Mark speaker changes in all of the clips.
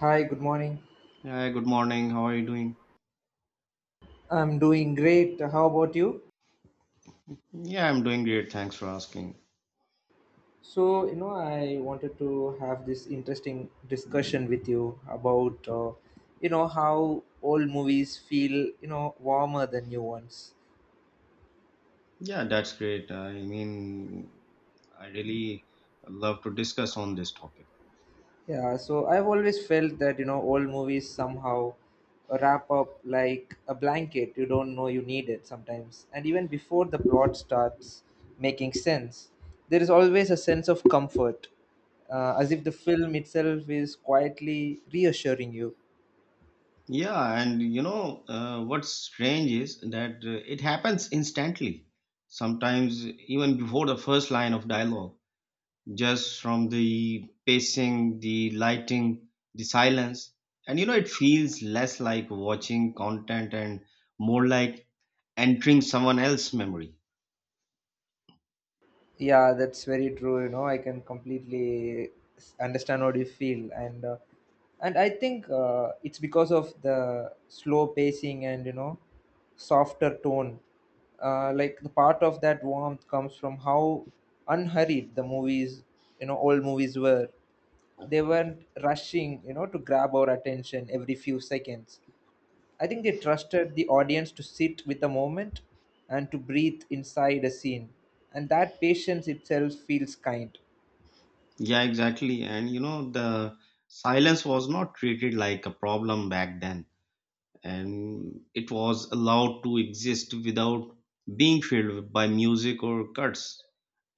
Speaker 1: Hi, good morning.
Speaker 2: Yeah, good morning. How are you doing?
Speaker 1: I'm doing great. How about you?
Speaker 2: Yeah, I'm doing great. Thanks for asking.
Speaker 1: So I wanted to have this interesting discussion with you about how old movies feel, you know, warmer than new ones.
Speaker 2: Yeah, that's great. I really love to discuss on this topic.
Speaker 1: Yeah, so I've always felt that, you know, old movies somehow wrap up like a blanket. You don't know you need it sometimes. And even before the plot starts making sense, there is always a sense of comfort, as if the film itself is quietly reassuring you.
Speaker 2: Yeah, and what's strange is that it happens instantly, sometimes even before the first line of dialogue, just from the pacing, the lighting, the silence. And you know, it feels less like watching content and more like entering someone else's memory.
Speaker 1: Yeah, that's very true. You know, I can completely understand what you feel, and I think it's because of the slow pacing and you know softer tone. Like the part of that warmth comes from how unhurried the movies, you know, old movies were. They weren't rushing, you know, to grab our attention every few seconds. I think they trusted the audience to sit with the moment and to breathe inside a scene. And that patience itself feels kind.
Speaker 2: Yeah, exactly. And you know, the silence was not treated like a problem back then, and it was allowed to exist without being filled by music or cuts.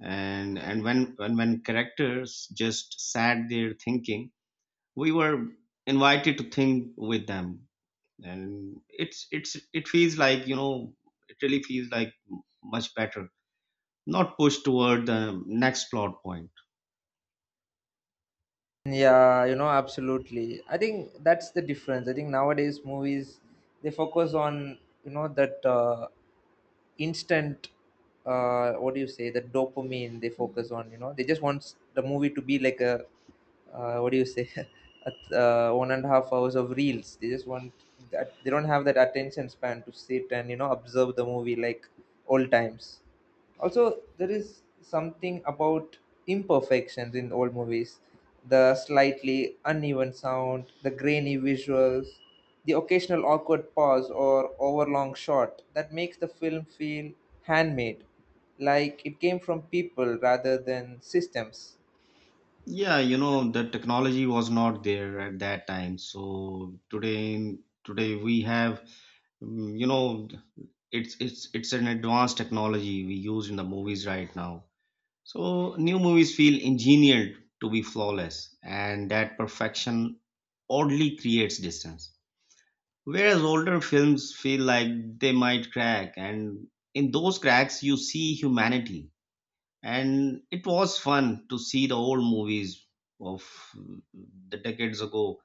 Speaker 2: And when characters just sat there thinking, we were invited to think with them. And it's it feels like, it really feels like much better, not pushed toward the next plot point.
Speaker 1: Yeah, you know, absolutely. I think that's the difference. I think nowadays movies they focus on you know that instant what do you say the dopamine they focus on you know they just want the movie to be like a what do you say at, 1.5 hours of reels they just want that they don't have that attention span to sit and you know observe the movie like old times. Also, there is something about imperfections in old movies, the slightly uneven sound, the grainy visuals, the occasional awkward pause or overlong shot that makes the film feel handmade, like it came from people rather than systems.
Speaker 2: Yeah, you know, the technology was not there at that time. So today we have, mm, you know, it's an advanced technology we use in the movies right now. So new movies feel engineered to be flawless, and that perfection oddly creates distance. Whereas older films feel like they might crack, and in those cracks you see humanity, and it was fun to see the old movies of the decades ago,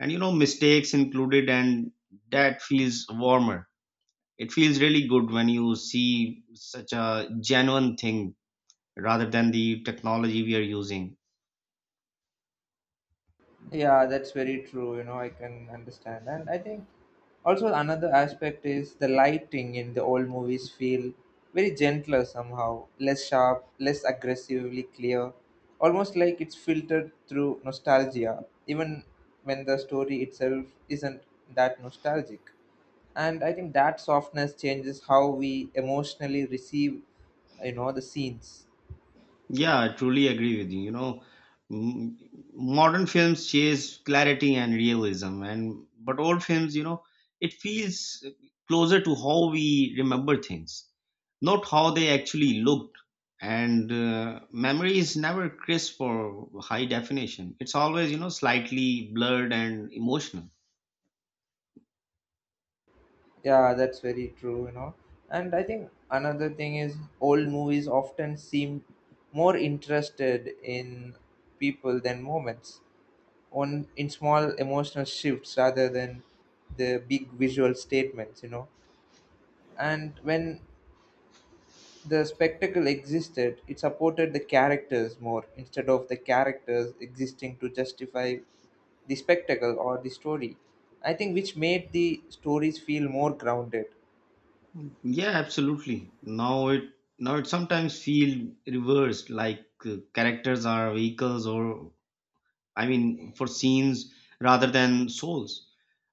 Speaker 2: and you know, mistakes included, and that feels warmer. It feels really good when you see such a genuine thing rather than the technology we are using.
Speaker 1: Yeah, that's very true. You know, I can understand. And I think also another aspect is the lighting in the old movies feel very gentler somehow, less sharp, less aggressively clear, almost like it's filtered through nostalgia, even when the story itself isn't that nostalgic. And I think that softness changes how we emotionally receive, you know, the scenes.
Speaker 2: Yeah, I truly agree with you. You know, m- modern films chase clarity and realism, and but old films, you know, it feels closer to how we remember things, not how they actually looked. And memory is never crisp or high definition. It's always, you know, slightly blurred and emotional.
Speaker 1: Yeah, that's very true, you know. And I think another thing is old movies often seem more interested in people than moments, on in small emotional shifts rather than the big visual statements, you know. And when the spectacle existed, it supported the characters more instead of the characters existing to justify the spectacle or the story. I think which made the stories feel more grounded.
Speaker 2: Yeah, absolutely. Now it sometimes feel reversed, like characters are vehicles or, I mean, for scenes rather than souls.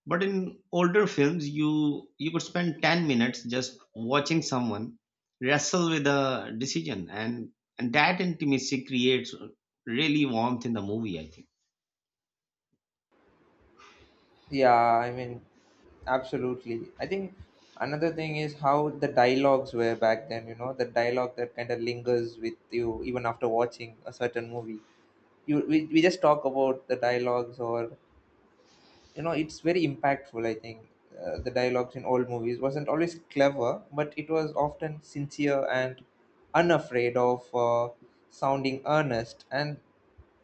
Speaker 2: But in older films, you could spend 10 minutes just watching someone wrestle with a decision, and that intimacy creates really warmth in the movie, I think.
Speaker 1: Yeah, I mean, absolutely. I think another thing is how the dialogues were back then, you know, the dialogue that kind of lingers with you even after watching a certain movie. You we just talk about the dialogues or you know it's very impactful. I think the dialogues in old movies wasn't always clever, but it was often sincere and unafraid of sounding earnest, and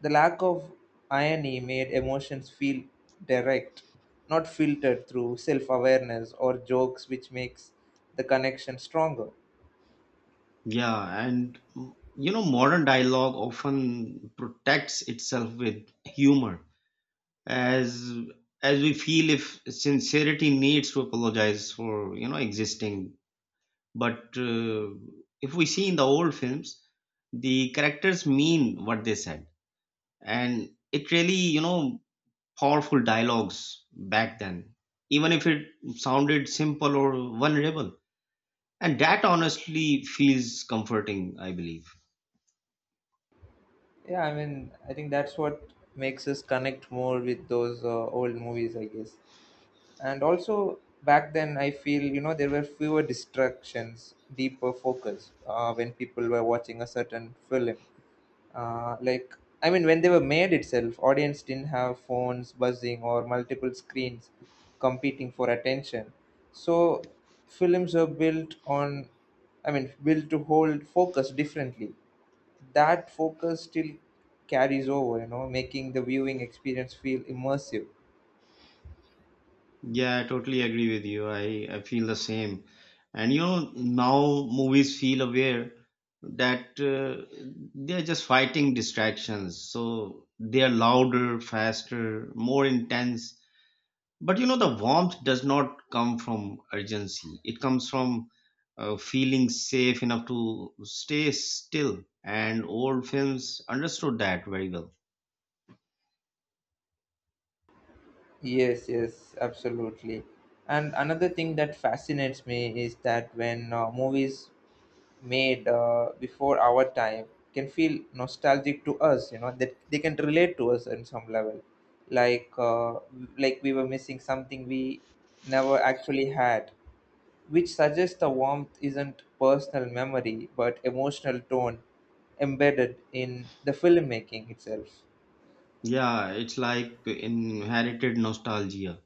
Speaker 1: the lack of irony made emotions feel direct, not filtered through self-awareness or jokes, which makes the connection stronger.
Speaker 2: Yeah, and modern dialogue often protects itself with humor, as as we feel if sincerity needs to apologize for, you know, existing. But if we see in the old films, the characters mean what they said, and it really, you know, powerful dialogues back then, even if it sounded simple or vulnerable. And that honestly feels comforting, I believe.
Speaker 1: Yeah, I mean, I think that's what makes us connect more with those old movies, I guess. And also back then I feel you know there were fewer distractions, deeper focus, when people were watching a certain film. Uh, like i mean when they were made itself audience didn't have phones buzzing or multiple screens competing for attention. So films were built on, I mean built to hold focus differently. That focus still carries over, you know, making the viewing experience feel immersive.
Speaker 2: Yeah, I totally agree with you. I feel the same. And you know, now movies feel aware that they're just fighting distractions. So they are louder, faster, more intense. But you know, the warmth does not come from urgency, it comes from feeling safe enough to stay still. And old films understood that very well.
Speaker 1: Yes, yes, absolutely. And another thing that fascinates me is that when movies made before our time can feel nostalgic to us, you know, that they can relate to us on some level, like uh, like we were missing something we never actually had, which suggests the warmth isn't personal memory but emotional tone embedded in the filmmaking itself.
Speaker 2: Yeah, it's like inherited nostalgia,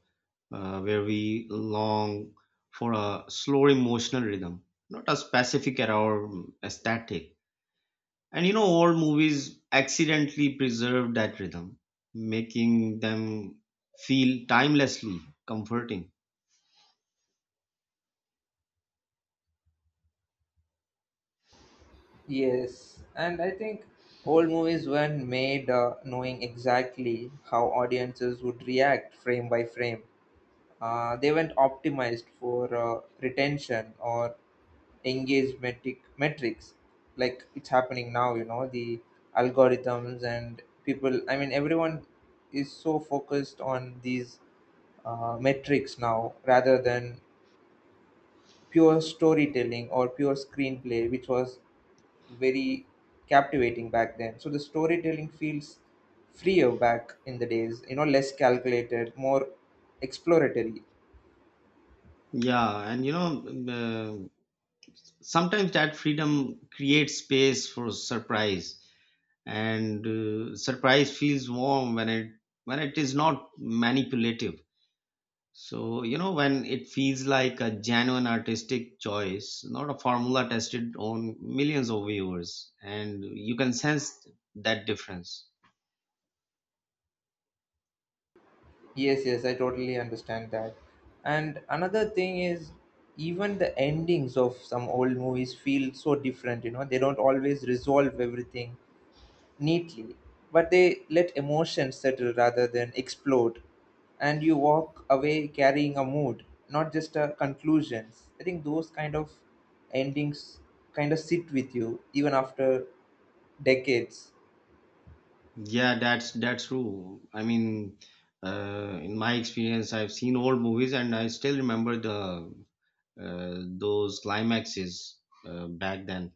Speaker 2: where we long for a slow emotional rhythm, not a specific or, aesthetic. And you know, old movies accidentally preserve that rhythm, making them feel timelessly comforting.
Speaker 1: Yes, and I think old movies weren't made knowing exactly how audiences would react frame by frame. They weren't optimized for retention or engagement metrics like it's happening now, you know, the algorithms and people. I mean, everyone is so focused on these metrics now rather than pure storytelling or pure screenplay, which was very captivating back then. So the storytelling feels freer back in the days, you know, less calculated, more exploratory.
Speaker 2: Yeah, and you know, sometimes that freedom creates space for surprise, and surprise feels warm when it is not manipulative. So, you know, when it feels like a genuine artistic choice, not a formula tested on millions of viewers, and you can sense that difference.
Speaker 1: Yes, yes, I totally understand that. And another thing is, even the endings of some old movies feel so different, you know, they don't always resolve everything neatly, but they let emotions settle rather than explode. And you walk away carrying a mood, not just a conclusions. I think those kind of endings kind of sit with you even after decades.
Speaker 2: Yeah, that's true. In my experience, I've seen old movies, and I still remember the, those climaxes back then.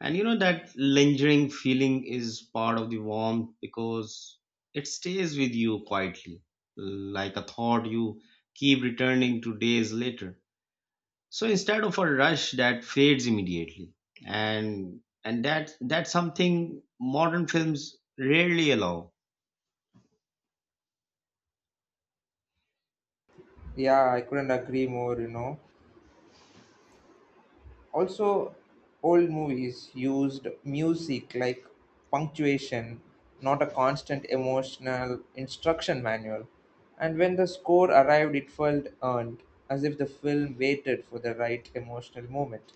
Speaker 2: And you know, that lingering feeling is part of the warmth because it stays with you quietly, like a thought you keep returning to days later. So instead of a rush that fades immediately, and that that's something modern films rarely allow.
Speaker 1: Yeah, I couldn't agree more, you know. Also, old movies used music like punctuation, not a constant emotional instruction manual. And when the score arrived, it felt earned, as if the film waited for the right emotional moment,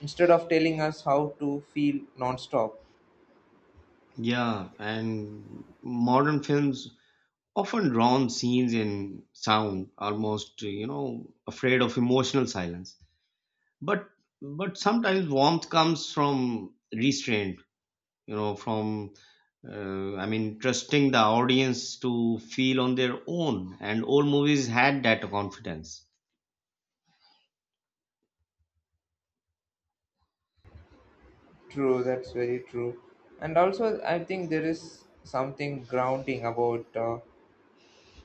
Speaker 1: instead of telling us how to feel non-stop.
Speaker 2: Yeah, and modern films often drown scenes in sound, almost, you know, afraid of emotional silence, but but sometimes warmth comes from restraint, you know, from trusting the audience to feel on their own. And old movies had that confidence.
Speaker 1: True, that's very true. And also, I think there is something grounding about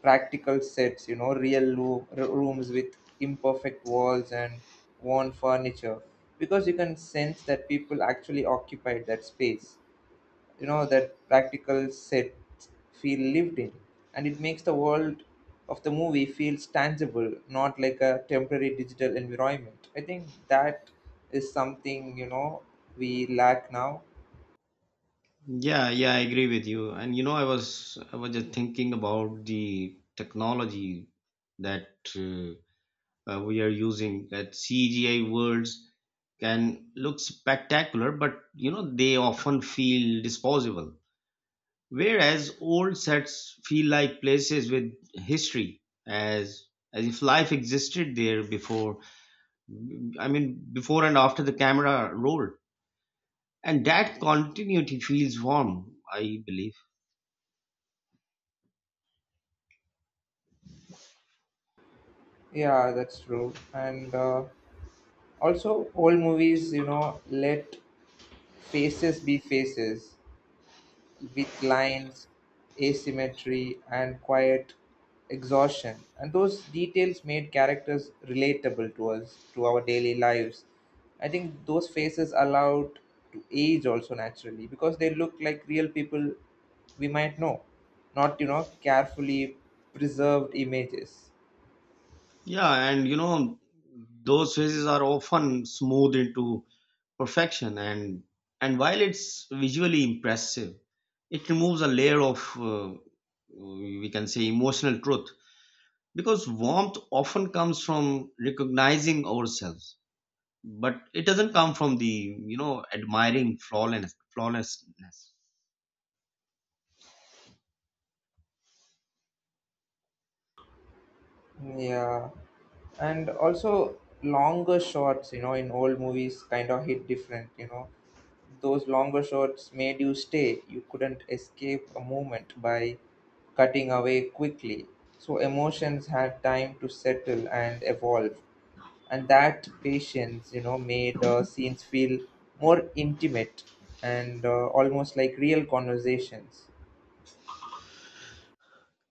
Speaker 1: practical sets, you know, real rooms with imperfect walls and worn furniture, because you can sense that people actually occupied that space. You know, that practical sets feel lived in, and it makes the world of the movie feels tangible, not like a temporary digital environment. I think that is something, you know, we lack now.
Speaker 2: Yeah, I agree with you. And you know, I was just thinking about the technology that we are using. That CGI worlds can look spectacular, but you know, they often feel disposable. Whereas old sets feel like places with history, as if life existed there before. I mean, before and after the camera rolled, and that continuity feels warm, I believe.
Speaker 1: Yeah, that's true. And also, old movies, you know, let faces be faces, with lines, asymmetry, and quiet exhaustion. And those details made characters relatable to us, to our daily lives. I think those faces allowed to age also naturally because they look like real people we might know, not, you know, carefully preserved images.
Speaker 2: Yeah, and you know, those phases are often smoothed into perfection, and while it's visually impressive, it removes a layer of, we can say, emotional truth. Because warmth often comes from recognizing ourselves, but it doesn't come from, admiring flawless flawlessness.
Speaker 1: Yeah. And also, longer shots, you know, in old movies kind of hit different, you know. Those longer shots made you stay. You couldn't escape a moment by cutting away quickly. So emotions had time to settle and evolve. And that patience, you know, made scenes feel more intimate and almost like real conversations.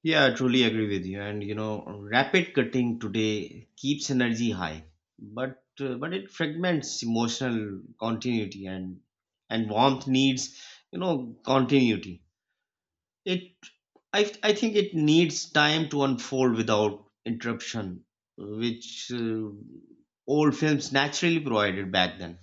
Speaker 2: Yeah, I truly agree with you. And you know, rapid cutting today keeps energy high, but it fragments emotional continuity, and warmth needs, you know, continuity. It, I think it needs time to unfold without interruption, which old films naturally provided back then.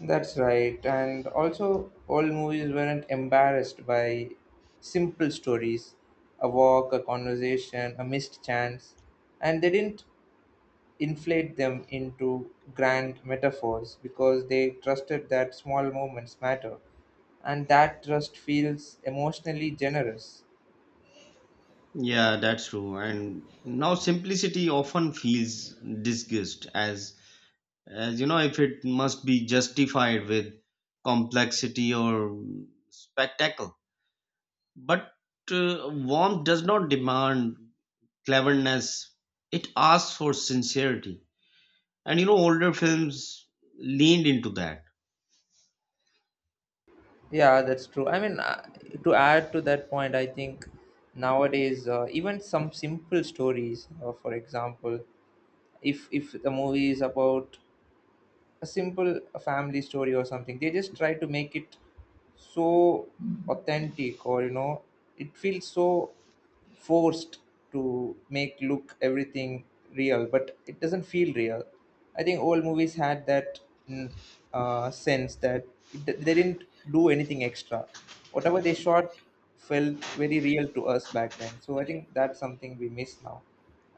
Speaker 1: That's right. And also, old movies weren't embarrassed by simple stories: a walk, a conversation, a missed chance. And they didn't inflate them into grand metaphors because they trusted that small moments matter. And that trust feels emotionally generous.
Speaker 2: Yeah, that's true. And now simplicity often feels disguised as, you know, if it must be justified with complexity or spectacle. But warmth does not demand cleverness, it asks for sincerity. And you know, older films leaned into that.
Speaker 1: Yeah, that's true. I mean, to add to that point, I think nowadays even some simple stories, for example, if the movie is about a simple family story or something, they just try to make it so authentic, or you know, it feels so forced to make look everything real, but it doesn't feel real. I think old movies had that mm, sense that it, they didn't do anything extra. Whatever they shot felt very real to us back then. So I think that's something we miss now.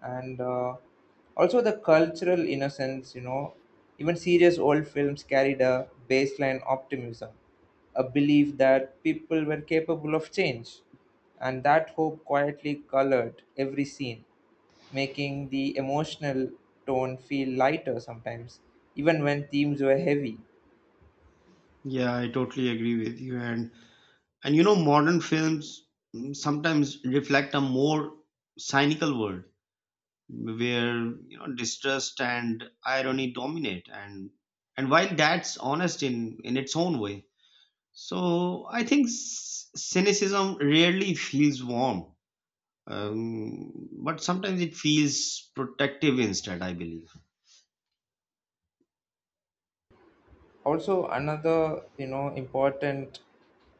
Speaker 1: And also the cultural innocence, you know, even serious old films carried a baseline optimism, a belief that people were capable of change. And that hope quietly colored every scene, making the emotional tone feel lighter sometimes, even when themes were heavy.
Speaker 2: Yeah, I totally agree with you. And you know, modern films, sometimes reflect a more cynical world where, you know, distrust and irony dominate. And while that's honest in its own way, so I think cynicism rarely feels warm, but sometimes it feels protective instead, I believe.
Speaker 1: Also, another you know important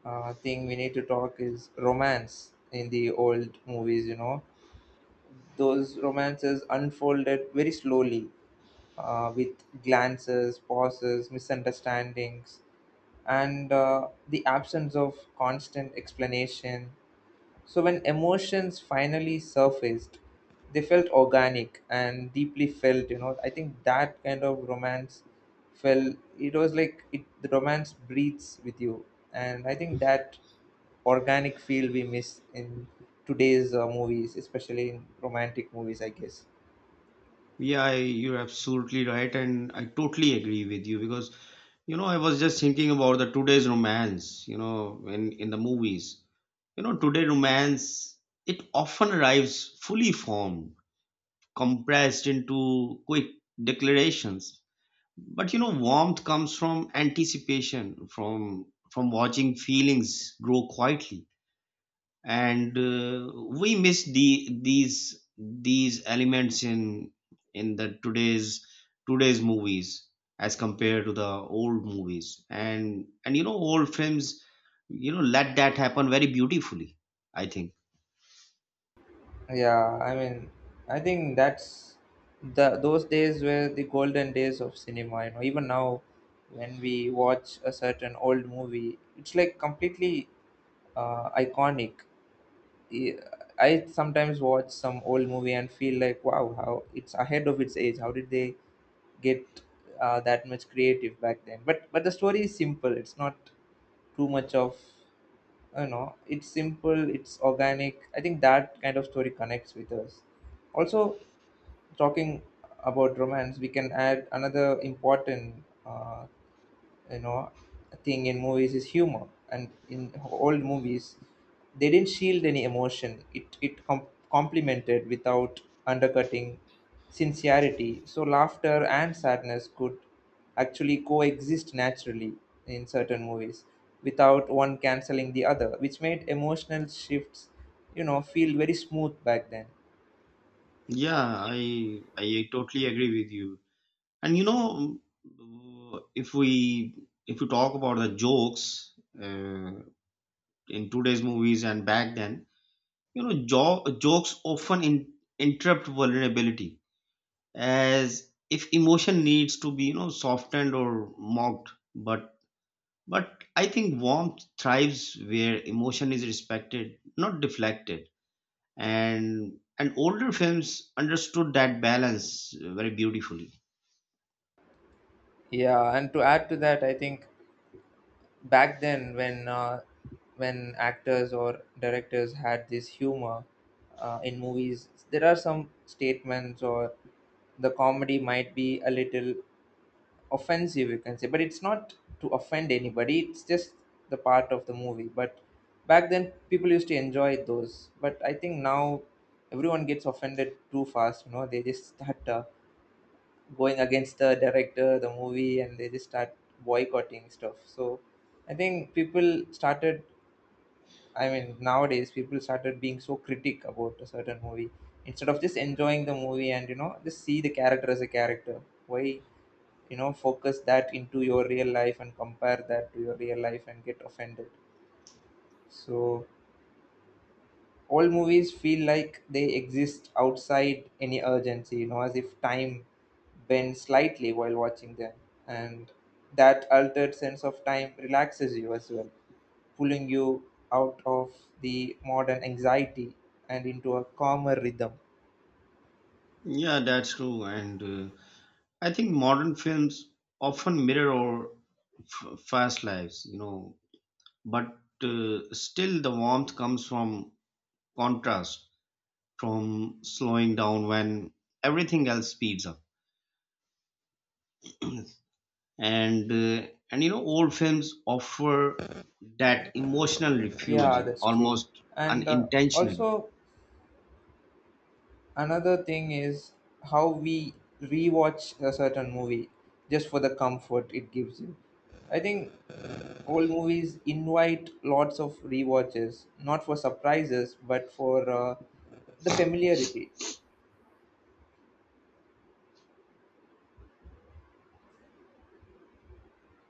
Speaker 1: thing we need to talk is romance in the old movies. You know, those romances unfolded very slowly, with glances, pauses, misunderstandings, and the absence of constant explanation. So when emotions finally surfaced, they felt organic and deeply felt, you know. I think that kind of romance felt it was like it the romance breathes with you. And I think that organic feel we miss in today's movies, especially in romantic movies, I guess.
Speaker 2: Yeah, you're absolutely right, and I totally agree with you, because you know, I was just thinking about the today's romance, you know, in the movies. You know, today romance, it often arrives fully formed, compressed into quick declarations. But you know, warmth comes from anticipation, from watching feelings grow quietly. And we miss these elements in the today's movies as compared to the old movies. And you know, old films, you know, let that happen very beautifully, I think.
Speaker 1: Yeah, I mean, I think that's the those days were the golden days of cinema. You know, even now, when we watch a certain old movie, it's like completely iconic. I I sometimes watch some old movie and feel like, wow, how it's ahead of its age. How did they get that much creative back then? But the story is simple. It's not too much of you know. It's simple. It's organic. I think that kind of story connects with us. Also, talking about romance, we can add another important you know thing in movies is humor, and in old movies they didn't shield any emotion. It complemented without undercutting sincerity, so laughter and sadness could actually coexist naturally in certain movies without one canceling the other, which made emotional shifts, you know, feel very smooth back then.
Speaker 2: Yeah, I totally agree with you. And you know, if we talk about the jokes uh, in today's movies and back then. You know, jokes often interrupt vulnerability, as if emotion needs to be, you know, softened or mocked. But I think warmth thrives where emotion is respected, not deflected. And older films understood that balance very beautifully.
Speaker 1: Yeah, and to add to that, I think back then when actors or directors had this humor in movies, there are some statements or the comedy might be a little offensive, you can say, but it's not to offend anybody, it's just the part of the movie. But back then people used to enjoy those, but I think now everyone gets offended too fast, you know, they just start going against the director, the movie, and they just start boycotting stuff. So I think people started, I mean, nowadays people started being so critic about a certain movie instead of just enjoying the movie and, you know, just see the character as a character. Why, you know, focus that into your real life and compare that to your real life and get offended. So all movies feel like they exist outside any urgency, you know, as if time bends slightly while watching them. And that altered sense of time relaxes you as well, pulling you out of the modern anxiety and into a calmer rhythm.
Speaker 2: Yeah, that's true. And I think modern films often mirror our fast lives, you know, but still the warmth comes from contrast, from slowing down when everything else speeds up. And you know, old films offer that emotional
Speaker 1: Yeah,
Speaker 2: refuge
Speaker 1: that's true.
Speaker 2: almost
Speaker 1: And
Speaker 2: unintentionally.
Speaker 1: also, another thing is how we rewatch a certain movie just for the comfort it gives you. I think old movies invite lots of rewatches, not for surprises, but for the familiarity.